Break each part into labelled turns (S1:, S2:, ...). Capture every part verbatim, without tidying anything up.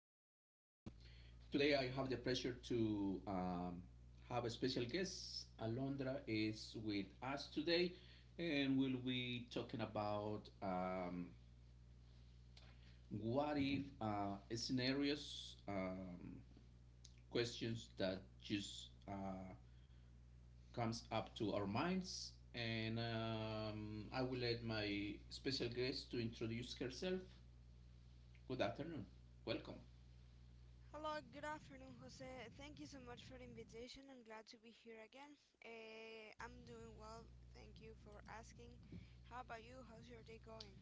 S1: um, Today I have the pleasure to um, have a special guest. Alondra is with us today, and we'll be talking about um, what if uh, scenarios, um, questions that just uh, comes up to our minds. And um, I will let my special guest to introduce herself. Good afternoon. Welcome.
S2: Hello, good afternoon, Jose. Thank you so much for the invitation. I'm glad to be here again. Uh, I'm doing well. Thank you for asking. How about you? How's your day going?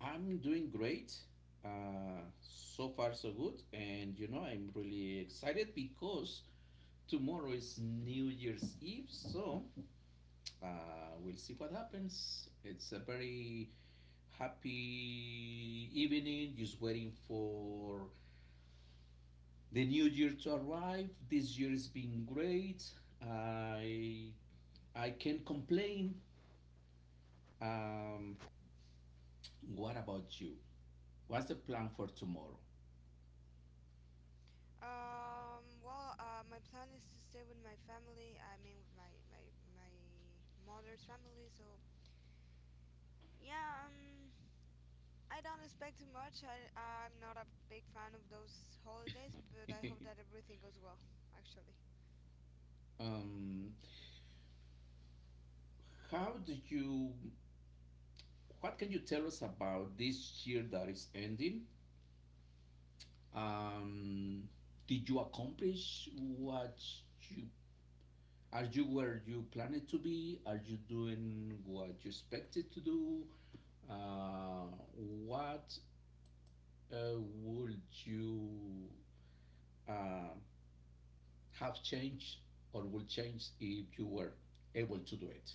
S1: I'm doing great. Uh, so far, so good. And you know, I'm really excited because tomorrow is New Year's Eve. So uh, we'll see what happens. It's a very happy evening, just waiting for the new year to arrive. This year has been great. I I can't complain. Um, what about you? What's the plan for tomorrow?
S2: Um, well, uh, my plan is to stay with my family. I mean, with my my my mother's family. So yeah, um, I don't expect too much. I I'm not a big fan of those holidays, but I hope that everything goes well. Actually,
S1: um, how do you? What can you tell us about this year that is ending? Um, did you accomplish what you are you where you planned to be? Are you doing what you expected to do? Uh, what Uh, would you uh, have changed or would change if you were able to do it?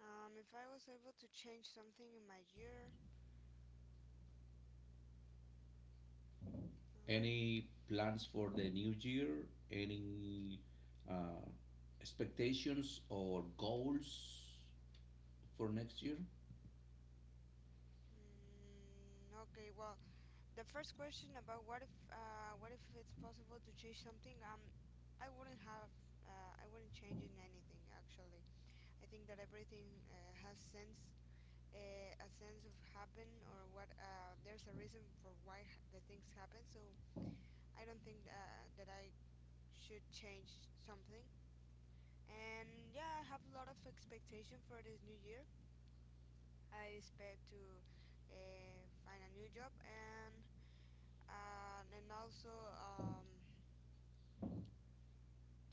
S2: um, if I was able to change something in my year, um,
S1: Any plans for the new year? Any uh, expectations or goals for next year?
S2: Mm, okay, well, the first question about what if uh, what if it's possible to change something? Um, I wouldn't have uh, I wouldn't change in anything actually. I think that everything uh, has sense, uh, a sense of happen or what uh, there's a reason for why ha- the things happen. So I don't think uh, that I should change something. And yeah, I have a lot of expectation for this new year. I expect to uh, find a new job and uh, and also um,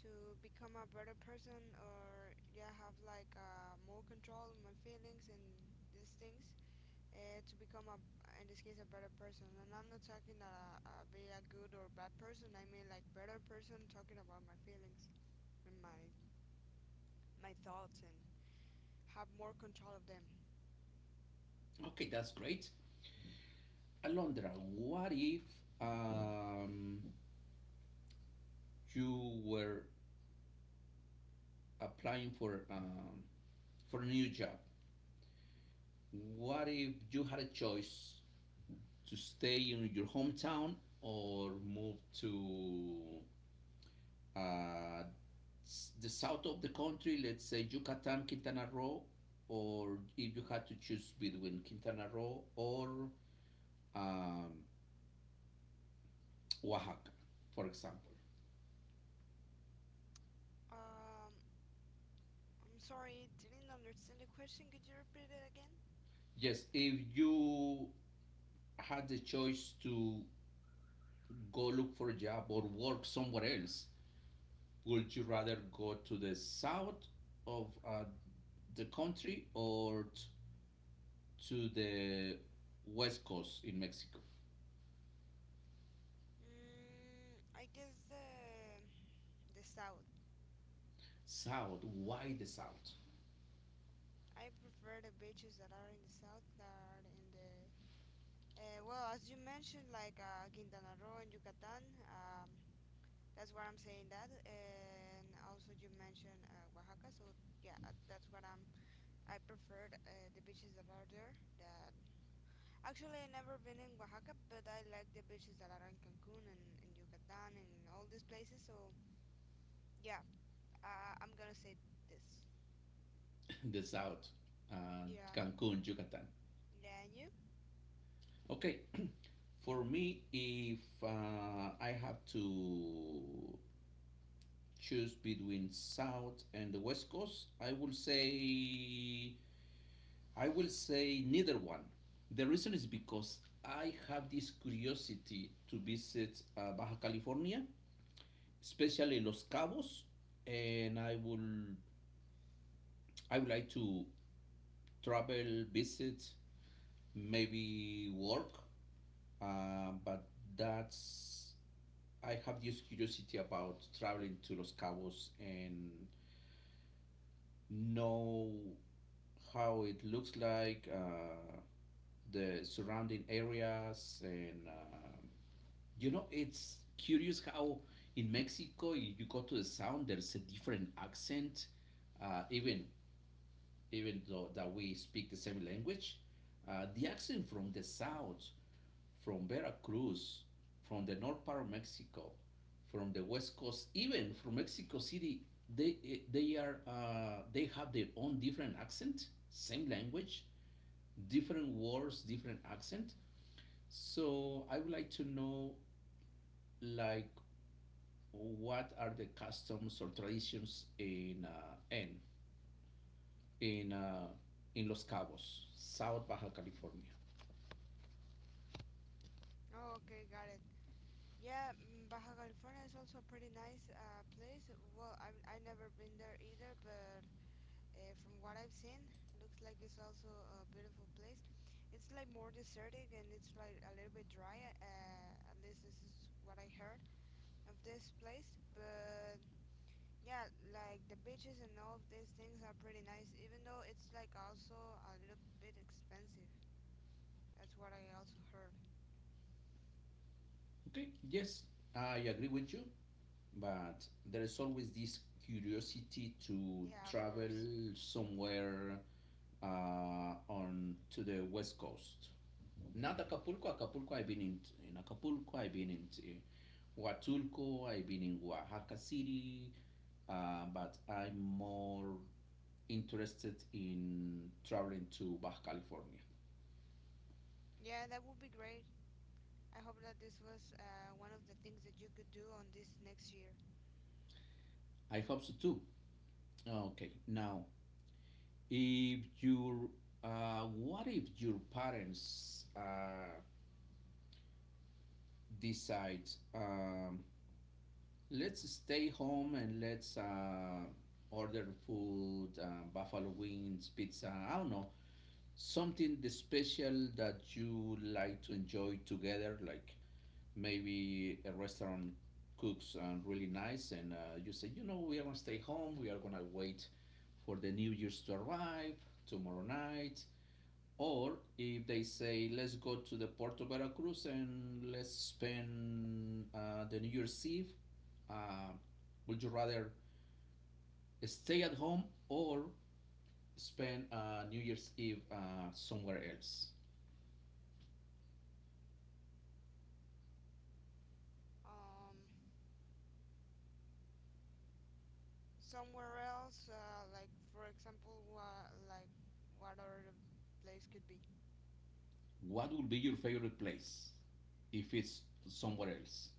S2: to become a better person or yeah have like uh, more control on my feelings and these things uh, to become a in this case a better person and I'm not talking that I, I be a good or bad person, I mean like better person talking about my feelings and my my thoughts and have more control of them.
S1: Okay, that's great. Alondra, what if um, you were applying for um, for a new job? What if you had a choice to stay in your hometown or move to uh, the south of the country, let's say Yucatan, Quintana Roo, or if you had to choose between Quintana Roo or um, Oaxaca, for example.
S2: um I'm sorry, didn't understand the question, could you repeat it again?
S1: Yes, if you had the choice to go look for a job or work somewhere else, would you rather go to the south of uh, the country or to the west coast in Mexico.
S2: mm, I guess the the south.
S1: South, why the south?
S2: I prefer the beaches that are in the south, that are in the uh, well, as you mentioned, like uh, Quintana Roo and Yucatan. Um, that's why I'm saying that, and also you mentioned uh, Oaxaca. So yeah, uh, that's what I'm. I prefer uh, the beaches that are there. That actually I never been in Oaxaca, but I like the beaches that are in Cancun and, and Yucatan and all these places. So yeah, uh, I'm gonna say this.
S1: the south, uh,
S2: Yeah,
S1: Cancun, Yucatan.
S2: yeah, and you?
S1: Okay, for me, if uh, I have to choose between south and the west coast, I will say I will say neither one. The reason is because I have this curiosity to visit uh, Baja California, especially Los Cabos, and I will I would like to travel, visit, maybe work, uh, but that's I have this curiosity about traveling to Los Cabos and know how it looks like, uh, the surrounding areas, and um you know, it's curious how in Mexico you you go to the sound, there's a different accent. Uh, even even though that we speak the same language, uh, the accent from the south, from Veracruz, from the north part of Mexico, from the west coast, even from Mexico City, they eh, they are uh, they have their own different accent, same language, different words, different accent. So I would like to know like what are the customs or traditions in uh, N. in uh, in Los Cabos, South Baja California.
S2: Oh, okay, got it. Yeah, mm, Baja California is also a pretty nice uh, place. Well, I've, I never been there either, but uh, from what I've seen, looks like it's also a beautiful place. It's like more desertic and it's like a little bit dry. Uh, at least this is what I heard of this place. But yeah, like the beaches and all of these things are pretty nice, even though it's like also a little bit expensive. That's what I also heard.
S1: Okay, yes, I agree with you, but there is always this curiosity to
S2: Yeah, of course.
S1: travel somewhere uh, on to the west coast. Not Acapulco. Acapulco, I've been in, in Acapulco. I've been in uh, Huatulco. I've been in Oaxaca City, uh, but I'm more interested in traveling to Baja California.
S2: Yeah, that would be great. I hope that this was uh, one of the things that you could do on this next year.
S1: I hope so too. Okay, now, if your uh, what if your parents uh, decide, um, let's stay home and let's uh, order food, uh, buffalo wings, pizza, I don't know, something the special that you like to enjoy together, like maybe a restaurant cooks um, really nice, and uh, you say, you know, we are gonna stay home. We are gonna wait for the New Year's to arrive tomorrow night. Or if they say, let's go to the Port of Veracruz and let's spend uh, the New Year's Eve, uh, would you rather stay at home or spend uh, New Year's Eve uh, somewhere else?
S2: Um, Somewhere else, uh, like for example, wha- like what other place could be?
S1: What would be your favorite place if it's somewhere else?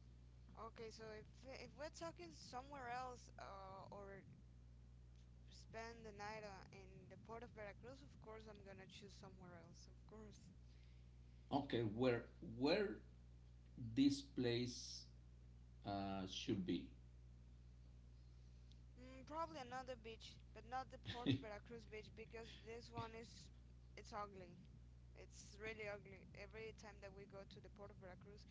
S2: Okay, so if if we're talking somewhere else uh, or spend the night uh, in the port of Veracruz, of course I'm gonna choose somewhere else, of course.
S1: Okay, where where this place uh, should be?
S2: Mm, probably another beach, but not the port of
S1: it's
S2: Veracruz beach because this one is it's ugly. It's really ugly. Every time that we go to the port of Veracruz,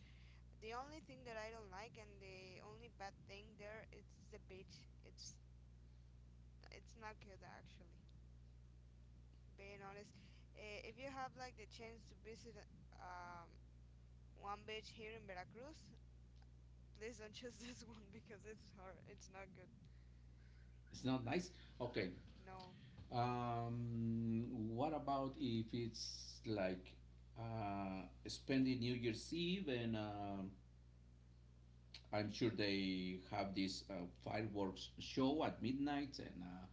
S2: the only thing that I don't like and the only bad thing there is the beach. It's it's not good actually. Being honest, eh, if you have like the chance to visit um, one beach here in Veracruz, please don't choose this one because it's hard. It's not good.
S1: not nice. Okay.
S2: No.
S1: Um, what about if it's like uh, spending New Year's Eve and um I'm sure they have this uh, fireworks show at midnight and uh,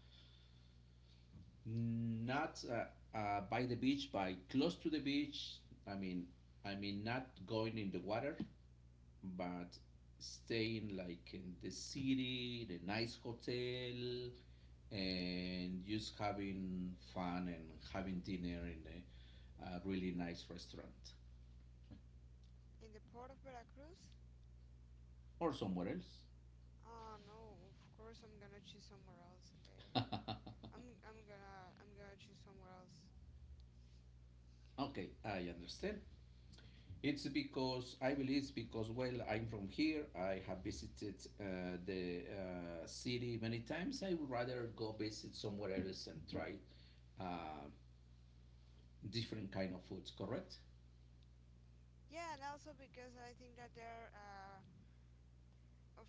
S1: not uh, uh, by the beach, by close to the beach. I mean, I mean not going in the water, but staying like in the city, the nice hotel, and just having fun and having dinner in a, a really nice restaurant
S2: In the port of Veracruz?
S1: or somewhere else.
S2: Oh no. Of course I'm gonna choose somewhere else. Uh, I'm I'm gonna I'm gonna choose somewhere else.
S1: okay, I understand. It's because I believe it's because well I'm from here. I have visited uh, the uh, city many times. I would rather go visit somewhere else and try uh, different kind of foods. Correct?
S2: Yeah, and also because I think that there uh, of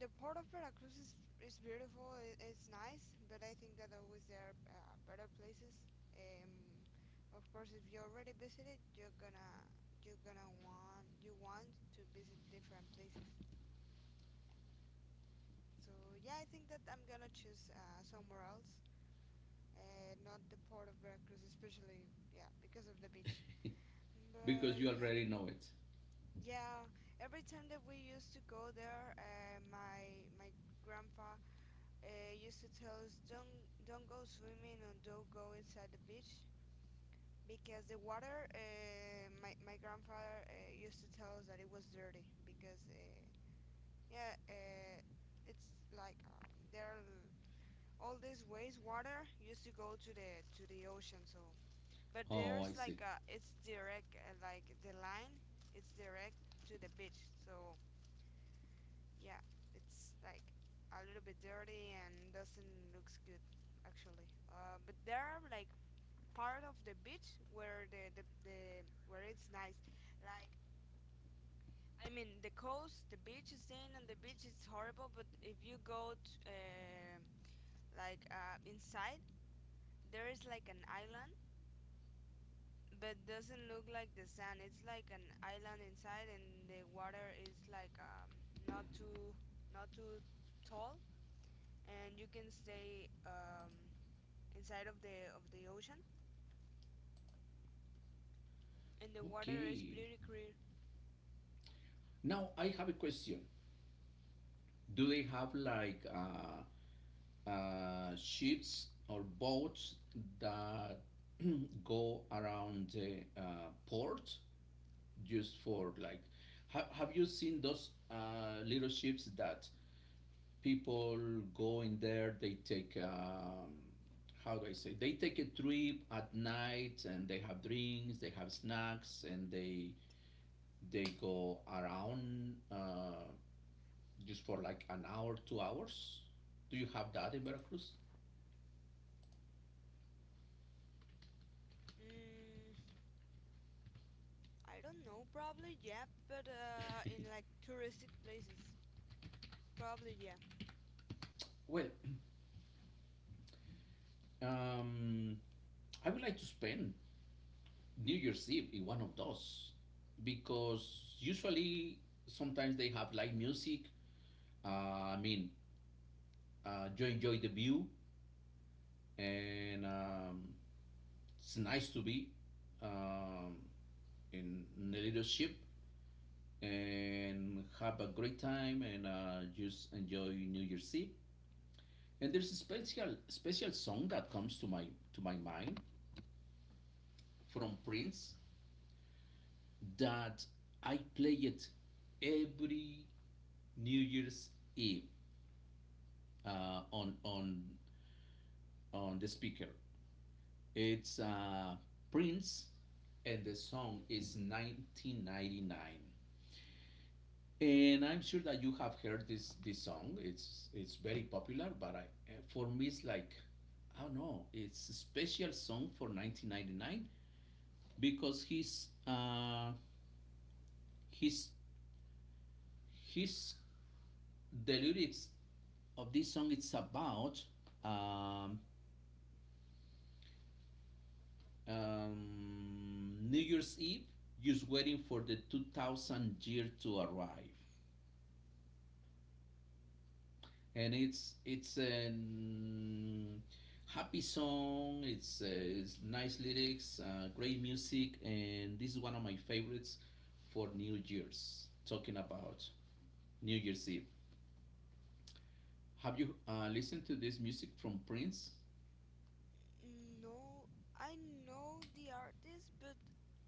S2: the port of Veracruz is is beautiful. It, it's nice, but I think that always there are uh, better places. Um, of course, if you already visited, you're gonna you're gonna want you want to visit different places. So yeah, I think that I'm gonna choose uh, somewhere else, uh, not the port of Veracruz, especially yeah because of the beach.
S1: because
S2: But
S1: you
S2: yeah,
S1: already know it.
S2: yeah. Every time that we used to go there, uh, my my grandpa uh, used to tell us don't don't go swimming or don't go inside the beach because the water uh, my, my grandfather uh, used to tell us that it was dirty because uh, yeah uh, it's like um, there are all this wastewater used to go to the to the ocean so but
S1: Oh, I
S2: there's
S1: see.
S2: like a, it's direct uh, like the line it's direct to the beach so yeah, it's like a little bit dirty and doesn't looks good actually. Uh, but there are like part of the beach where the, the, the where it's nice. Like I mean, the coast, the beach, staying on the beach is horrible. But if you go t- uh, like uh, inside, there is like an island, but doesn't look like the sand. It's like an island inside, and the water is like um, not too not too tall and you can stay um, inside of the of the ocean and the water is
S1: Okay.
S2: pretty clear.
S1: Now I have a question. Do they have like uh, uh, ships or boats that go around the uh, port used for like ha- have you seen those uh, little ships that people go in there? They take um, how do I say, they take a trip at night and they have drinks, they have snacks, and they they go around uh, just for like an hour, two hours? Do you have that in Veracruz?
S2: mm, I don't know, probably yeah but uh, in like touristic places probably yeah.
S1: Well, um, I would like to spend New Year's Eve is one of those because usually sometimes they have live music. Uh, I mean, uh, you enjoy the view, and um, it's nice to be um, in, in a little ship and have a great time and uh, just enjoy New Year's Eve. And there's a special special song that comes to my to my mind from Prince that I play it every New Year's Eve uh, on on on the speaker. It's uh, Prince, and the song is nineteen ninety-nine. And I'm sure that you have heard this this song. It's it's very popular, but I, eh, for me it's like I don't know. It's a special song for nineteen ninety-nine because his uh, his his the lyrics of this song it's about um, um, New Year's Eve, just waiting for the two thousand year to arrive, and it's it's a happy song. It's uh, it's nice lyrics, uh, great music, and this is one of my favorites for New Year's. Talking about New Year's Eve, have you uh, listened to this music from Prince,
S2: No, I know the artist but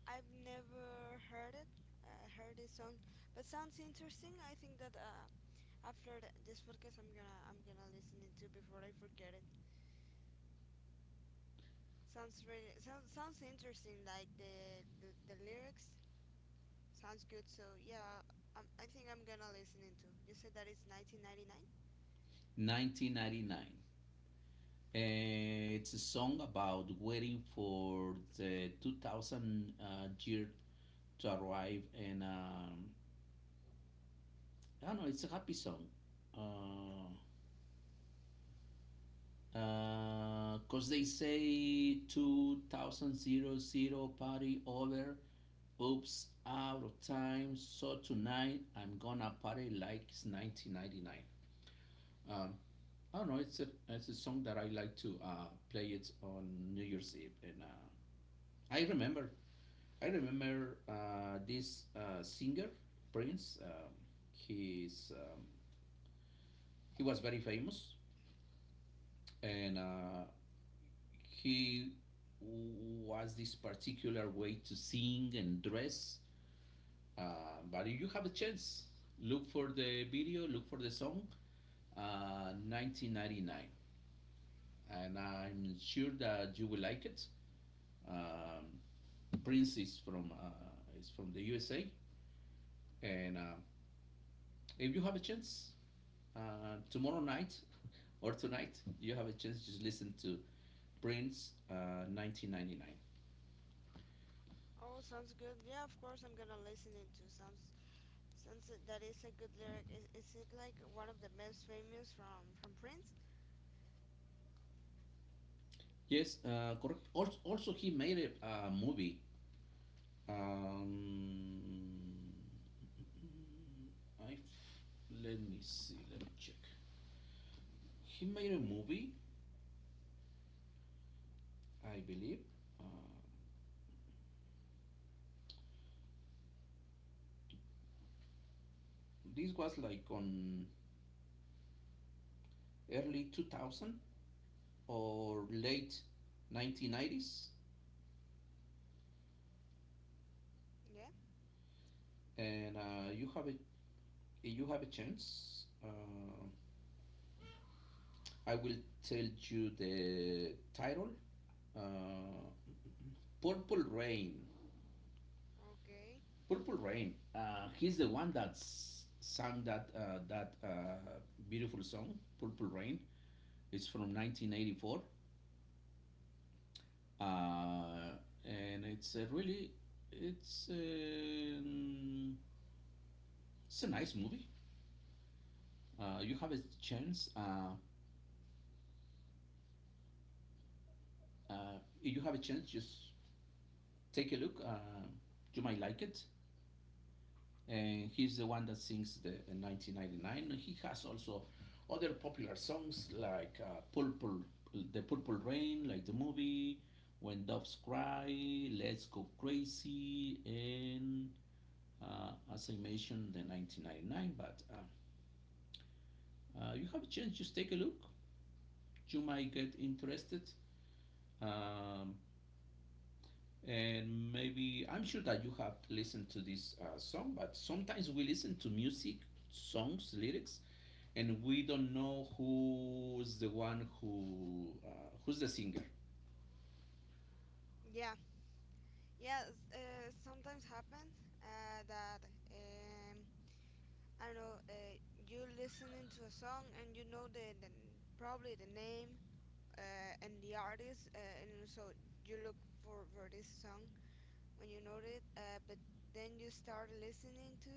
S2: I've never heard it uh, heard this song but sounds interesting. I think that uh, after th- this podcast i'm gonna i'm gonna listen to before I forget it. Sounds really sounds sounds interesting like the the, the lyrics. Sounds good. So yeah, um, I think I'm gonna listen into. You said that it's nineteen ninety-nine.
S1: nineteen ninety-nine? Uh, it's a song about waiting for the two thousand uh, year to arrive, and um, I don't know, it's a happy song. Uh, because they say two thousand party over, oops, out of time, so tonight I'm gonna party like it's nineteen ninety-nine. Um, I don't know, it's a, it's a song that I like to uh, play it on New Year's Eve, and uh, I remember I remember uh, this uh, singer Prince. Um, he's um, he was very famous, and uh, he was this particular way to sing and dress. Uh, but if you have a chance, look for the video, look for the song, uh, nineteen ninety-nine, and I'm sure that you will like it. Um, Prince is from uh, is from the U S A, and uh, if you have a chance, uh, tomorrow night or tonight, you have a chance to listen to Prince uh, nineteen ninety-nine.
S2: Oh, sounds good. Yeah, of course I'm gonna listen into. Sounds sounds uh, That is a good lyric. Is, is it like one of the most famous from from Prince?
S1: Yes, uh, correct. Also, also, he made a uh, movie. Um, I, Let me see, let me check. He made a movie, I believe. Uh, this was like on early two thousand or late nineteen nineties.
S2: Yeah.
S1: And uh, you have a you have a chance, uh, I will tell you the title uh, Purple Rain.
S2: Okay.
S1: Purple Rain. Uh, he's the one that sang that uh, that uh, beautiful song, Purple Rain. It's from nineteen eighty-four, uh, and it's a really it's a it's a nice movie. Uh, you have a chance. Uh, uh, if you have a chance, just take a look. Uh, you might like it. And he's the one that sings the in nineteen ninety-nine. He has also other popular songs like uh, Purple, the Purple Rain, like the movie, When Doves Cry, Let's Go Crazy, and uh, as I mentioned, the nineteen ninety-nine. But uh, uh, you have a chance, just take a look. You might get interested. Um, And maybe I'm sure that you have listened to this uh, song, but sometimes we listen to music, songs, lyrics, and we don't know who's the one who uh, who's the singer.
S2: Yeah. Yeah. S- Uh, sometimes happen uh, that um I don't know. Uh, you listening to a song and you know the, the probably the name uh, and the artist uh, and so you look for for this song when you know it, uh, but then you start listening to,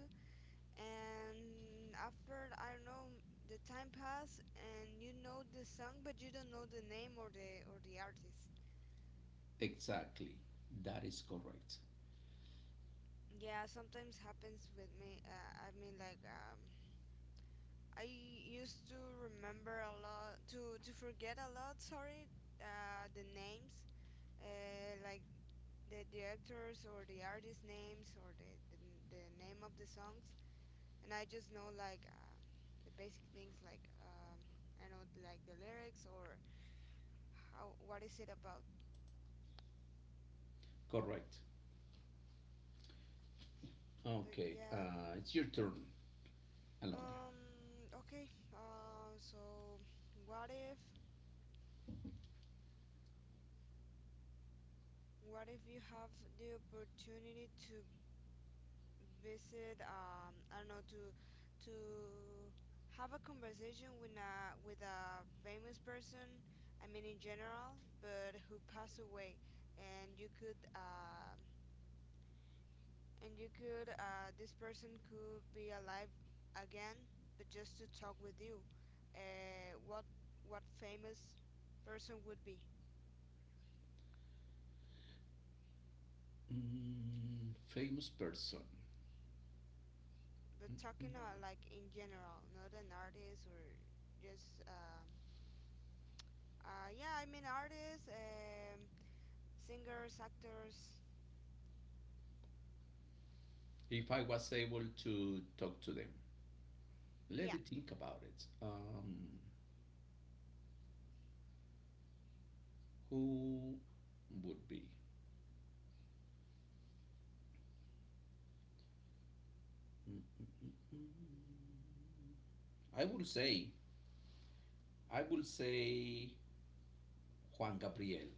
S2: and after I don't know, the time pass, and you know the song, but you don't know the name or the or the artist.
S1: Exactly, that is correct.
S2: Yeah, sometimes happens with me. Uh, I mean, like um, I used to remember a lot, to to forget a lot. Sorry, uh, the names, uh, like the directors or the artist names or the, the the name of the songs, and I just know like um, the basic things like um, I know like the lyrics or how what is it about.
S1: Correct.
S2: But
S1: Okay,
S2: yeah,
S1: uh, it's your turn, Alondra.
S2: um, okay. Um, uh, so what if what if you have the opportunity to visit um, I don't know to to have a conversation with a with a famous person. I mean in general, but who passed away, and you could. Uh, and you could uh, this person could be alive again but just to talk with you uh, what what famous person would be
S1: Mm, famous person.
S2: but
S1: Mm, mm.
S2: talking uh, like in general not an artist or just uh, uh, yeah I mean artists um, singers actors.
S1: If I was able to talk to them, let
S2: Yeah.
S1: me think about it. Um, who would be? Mm, I would say, I would say Juan Gabriel.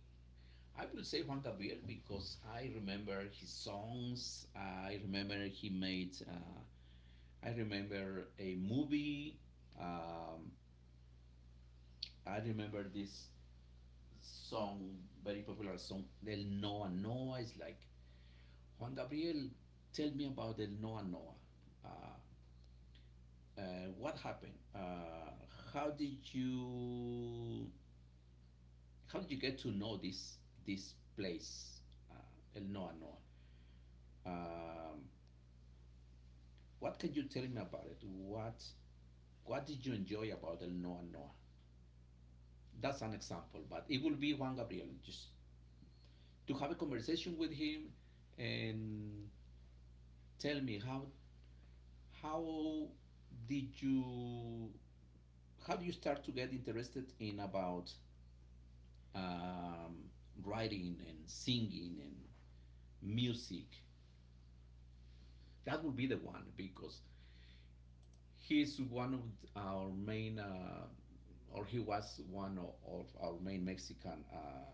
S1: I would say Juan Gabriel because I remember his songs. I remember he made. Uh, I remember a movie. Um, I remember this song, very popular song, Del Noa Noa. It's like Juan Gabriel. Tell me about Del Noa Noa. Uh, uh, what happened? Uh, how did you How did you get to know this this place, uh, El Noa Noa? Um, what can you tell me about it? What what did you enjoy about El Noa Noa? That's an example, but it will be Juan Gabriel. Just to have a conversation with him and tell me how how did you how do you start to get interested in about um, writing and singing and music? That would be the one because he's one of our main, uh, or he was one of of our main Mexican uh,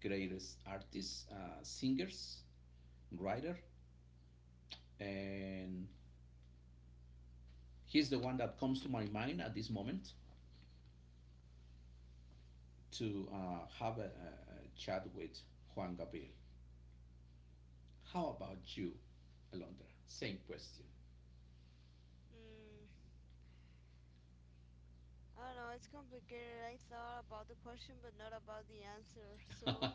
S1: greatest artists, uh, singers, writer, and he's the one that comes to my mind at this moment to uh, have a, a a chat with Juan Gabriel. How about you, Alondra? Same question.
S2: mm, I don't know, it's complicated. I thought about the question but not about the answer so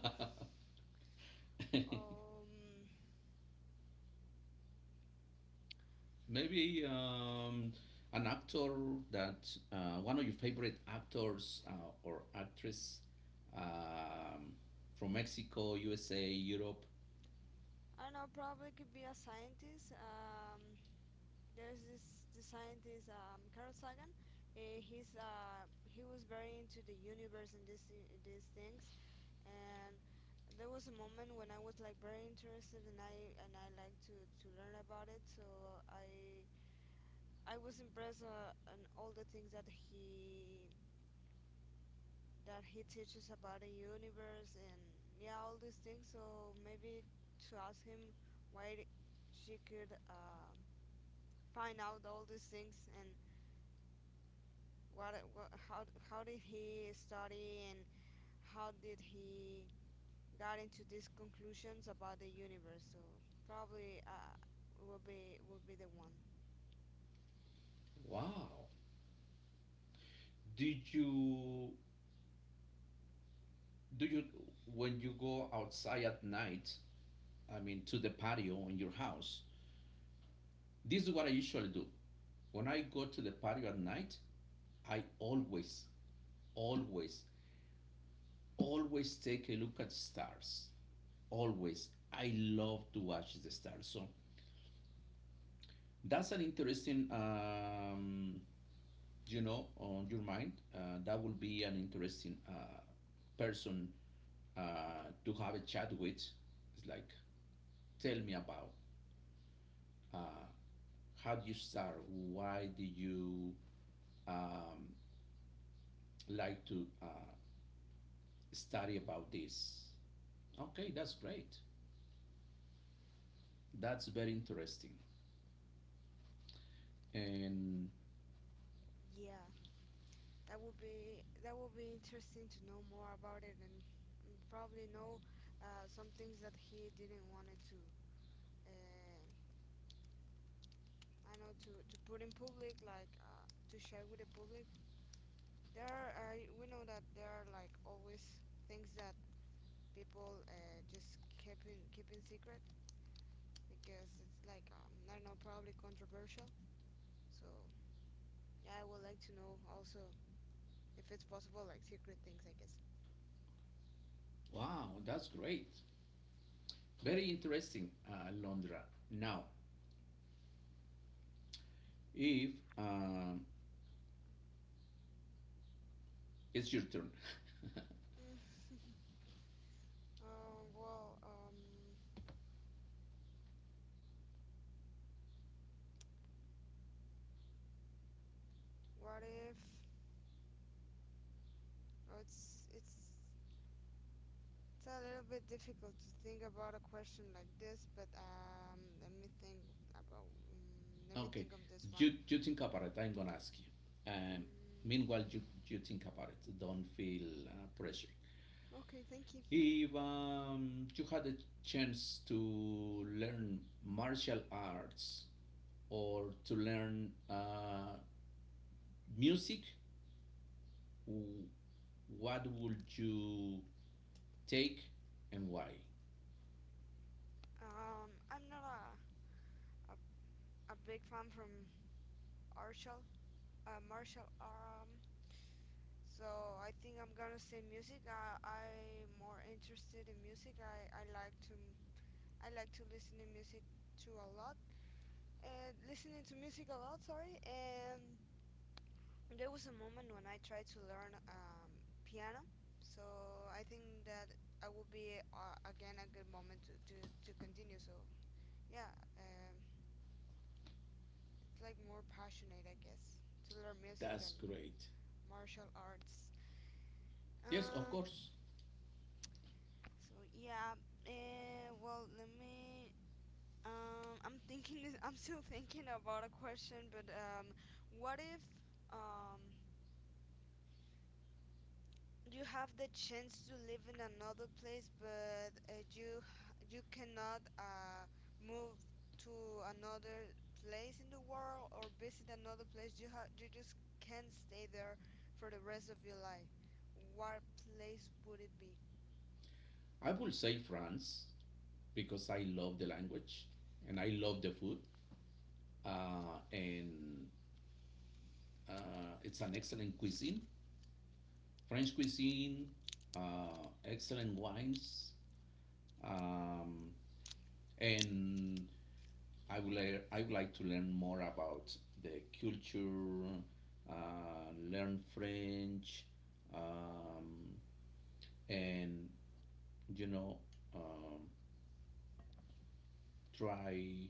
S2: um
S1: Maybe um, an actor that uh, one of your favorite actors uh, or actress um, from Mexico, U S A, Europe.
S2: I don't know, probably could be a scientist. Um, there's this, the scientist um, Carl Sagan. Uh, he's uh, he was very into the universe and this these things, and there was a moment when I was like very interested and I and I like to to learn about it. So I I was impressed uh, on all the things that he that he teaches about the universe and yeah all these things. So maybe to ask him why she could uh, find out all these things and what, what how how did he study and how did he got into these conclusions about the universe so probably uh will be will be the one.
S1: Wow. Did you do you when you go outside at night? I mean, to the patio in your house. This is what I usually do. When I go to the patio at night, I always, always always take a look at stars. Always. I love to watch the stars. So that's an interesting, um, you know, on your mind. Uh, that will be an interesting uh, person uh, to have a chat with. It's like, tell me about uh, how do you start? Why do you um, like to uh, study about this? Okay, that's great. That's very interesting. And
S2: Yeah, that would be that would be interesting to know more about it and mm, probably know uh, some things that he didn't wanted to uh, I know to, to put in public like uh, to share with the public. There are, uh, we know that there are like always things that people uh, just keeping keeping secret because it's like um, I don't know, probably controversial. So yeah, I would like to know also if it's possible, like secret things, I guess.
S1: wow, that's great. Very interesting, uh, Alondra. Now, if um, it's your turn,
S2: Um, well, um, what if? Oh, it's it's it's a little bit difficult to think about a question like this, but um, let me think about um, let me
S1: okay,
S2: think of this one.
S1: you, you think about it. I'm gonna ask you. And
S2: Mm,
S1: meanwhile, you, you think about it. Don't feel uh, pressure.
S2: okay, thank you.
S1: If um, you had a chance to learn martial arts or to learn uh, music, w- what would you take and why?
S2: Um, I'm not a, a a big fan from Arshel uh, martial um so I think I'm gonna say music. I I'm more interested in music. I I like to I like to listen to music to a lot and listening to music a lot. Sorry. And there was a moment when I tried to learn um piano. So I think that I will be uh, again a good moment to to to continue. So yeah, um, it's like more passionate I guess to learn music
S1: That's
S2: than
S1: great.
S2: martial arts.
S1: Yes, of
S2: Um,
S1: course.
S2: So yeah, uh, well, let me. Um, I'm thinking. I'm still thinking about a question, but um, what if um you have the chance to live in another place, but uh, you h- you cannot uh move to another place in the world or visit another place. You have you just can't stay there for the rest of your life. What place would it be?
S1: I will say France because I love the language and I love the food. Uh, and uh, It's an excellent cuisine. French cuisine, uh, excellent wines. Um, and I would, like, I would like to learn more about the culture, uh, learn French, um, and, you know, um, try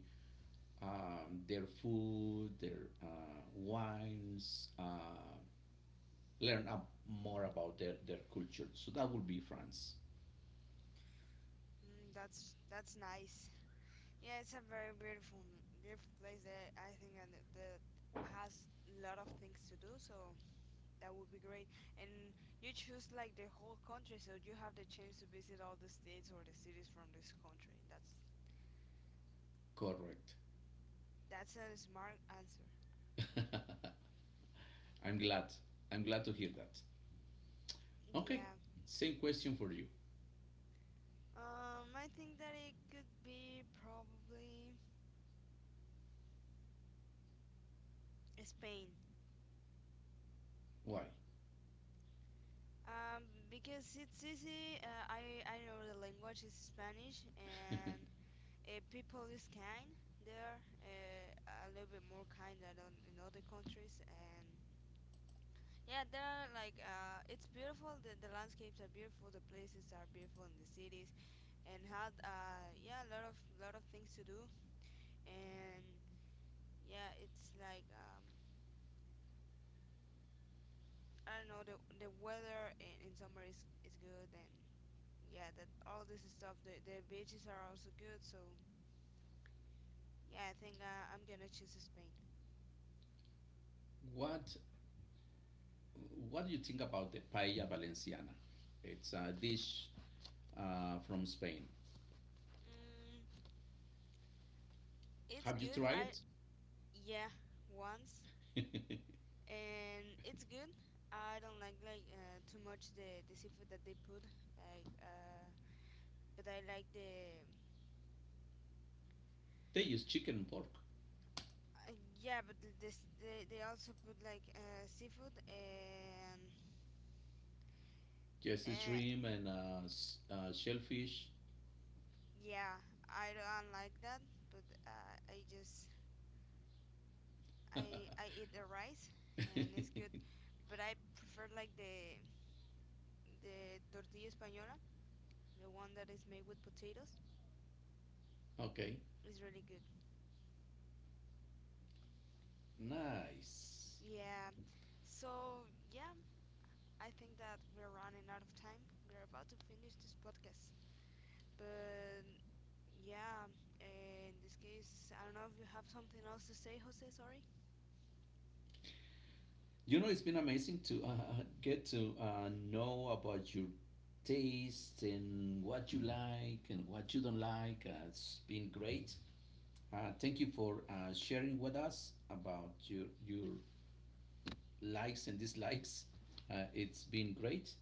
S1: um, their food, their uh, wines, uh, learn up more about their, their culture. So that would be France.
S2: Mm, that's that's nice. Yeah, it's a very beautiful, beautiful place there. I think and it- that has a lot of things to do, so that would be great. And you choose like the whole country, so you have the chance to visit all the states or the cities from this country. That's
S1: Correct.
S2: that's a smart answer.
S1: I'm glad. I'm glad to hear that. Okay.
S2: Yeah.
S1: Same question for you.
S2: Um, I think that it could be probably Spain.
S1: Why?
S2: Um, because it's easy. Uh, I I know the language is Spanish and uh, people is kind there uh, a little bit more kind than on, in other countries and yeah there are like uh, it's beautiful the, the landscapes are beautiful the places are beautiful in the cities and had uh, yeah a lot of lot of things to do and yeah it's like um, I don't know the the weather in, in summer is, is good and yeah that all this stuff the, the beaches are also good so yeah I think uh, I'm gonna choose Spain.
S1: what What do you think about the paella valenciana? It's a dish uh, from Spain.
S2: mm, it's
S1: Have you
S2: good
S1: tried
S2: I,
S1: it?
S2: yeah, once, and it's good. I don't like like uh, too much the the seafood that they put, like uh, but I like the
S1: they use chicken and pork.
S2: uh, yeah, but the, this they they also put like uh, seafood and
S1: Jesse
S2: uh,
S1: shrimp and uh, s- uh, shellfish.
S2: yeah, I don't like that, but uh, I just I I eat the rice and it's good, but I prefer like the the tortilla española, the one that is made with potatoes.
S1: okay,
S2: It's really good.
S1: nice.
S2: Yeah. So, yeah, I think that we're running out of time. We're about to finish this podcast. But, yeah, in this case, I don't know if you have something else to say, Jose. Sorry.
S1: You know, it's been amazing to uh, get to uh, know about your tastes and what you like and what you don't like. Uh, it's been great. Uh, thank you for uh, sharing with us about your your likes and dislikes. Uh, it's been great,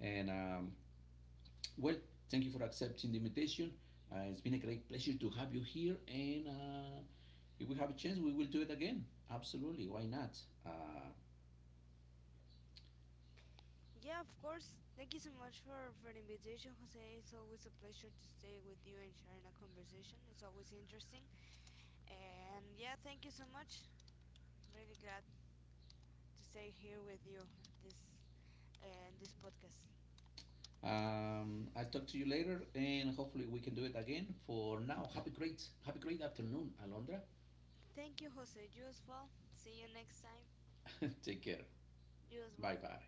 S1: and um, well, thank you for accepting the invitation. Uh, it's been a great pleasure to have you here, and uh, if we have a chance, we will do it again. Absolutely, why not? Uh,
S2: Yeah, of course. Thank you so much for, for the invitation, Jose. It's always a pleasure to stay with you and sharing a conversation. It's always interesting. And yeah, thank you so much. Really glad to stay here with you this and this podcast.
S1: um, I'll talk to you later, and hopefully we can do it again. For now, have a great, have a great afternoon, Alondra.
S2: Thank you, Jose. You as well. See you next time.
S1: Take care.
S2: You as
S1: Bye
S2: well.
S1: bye.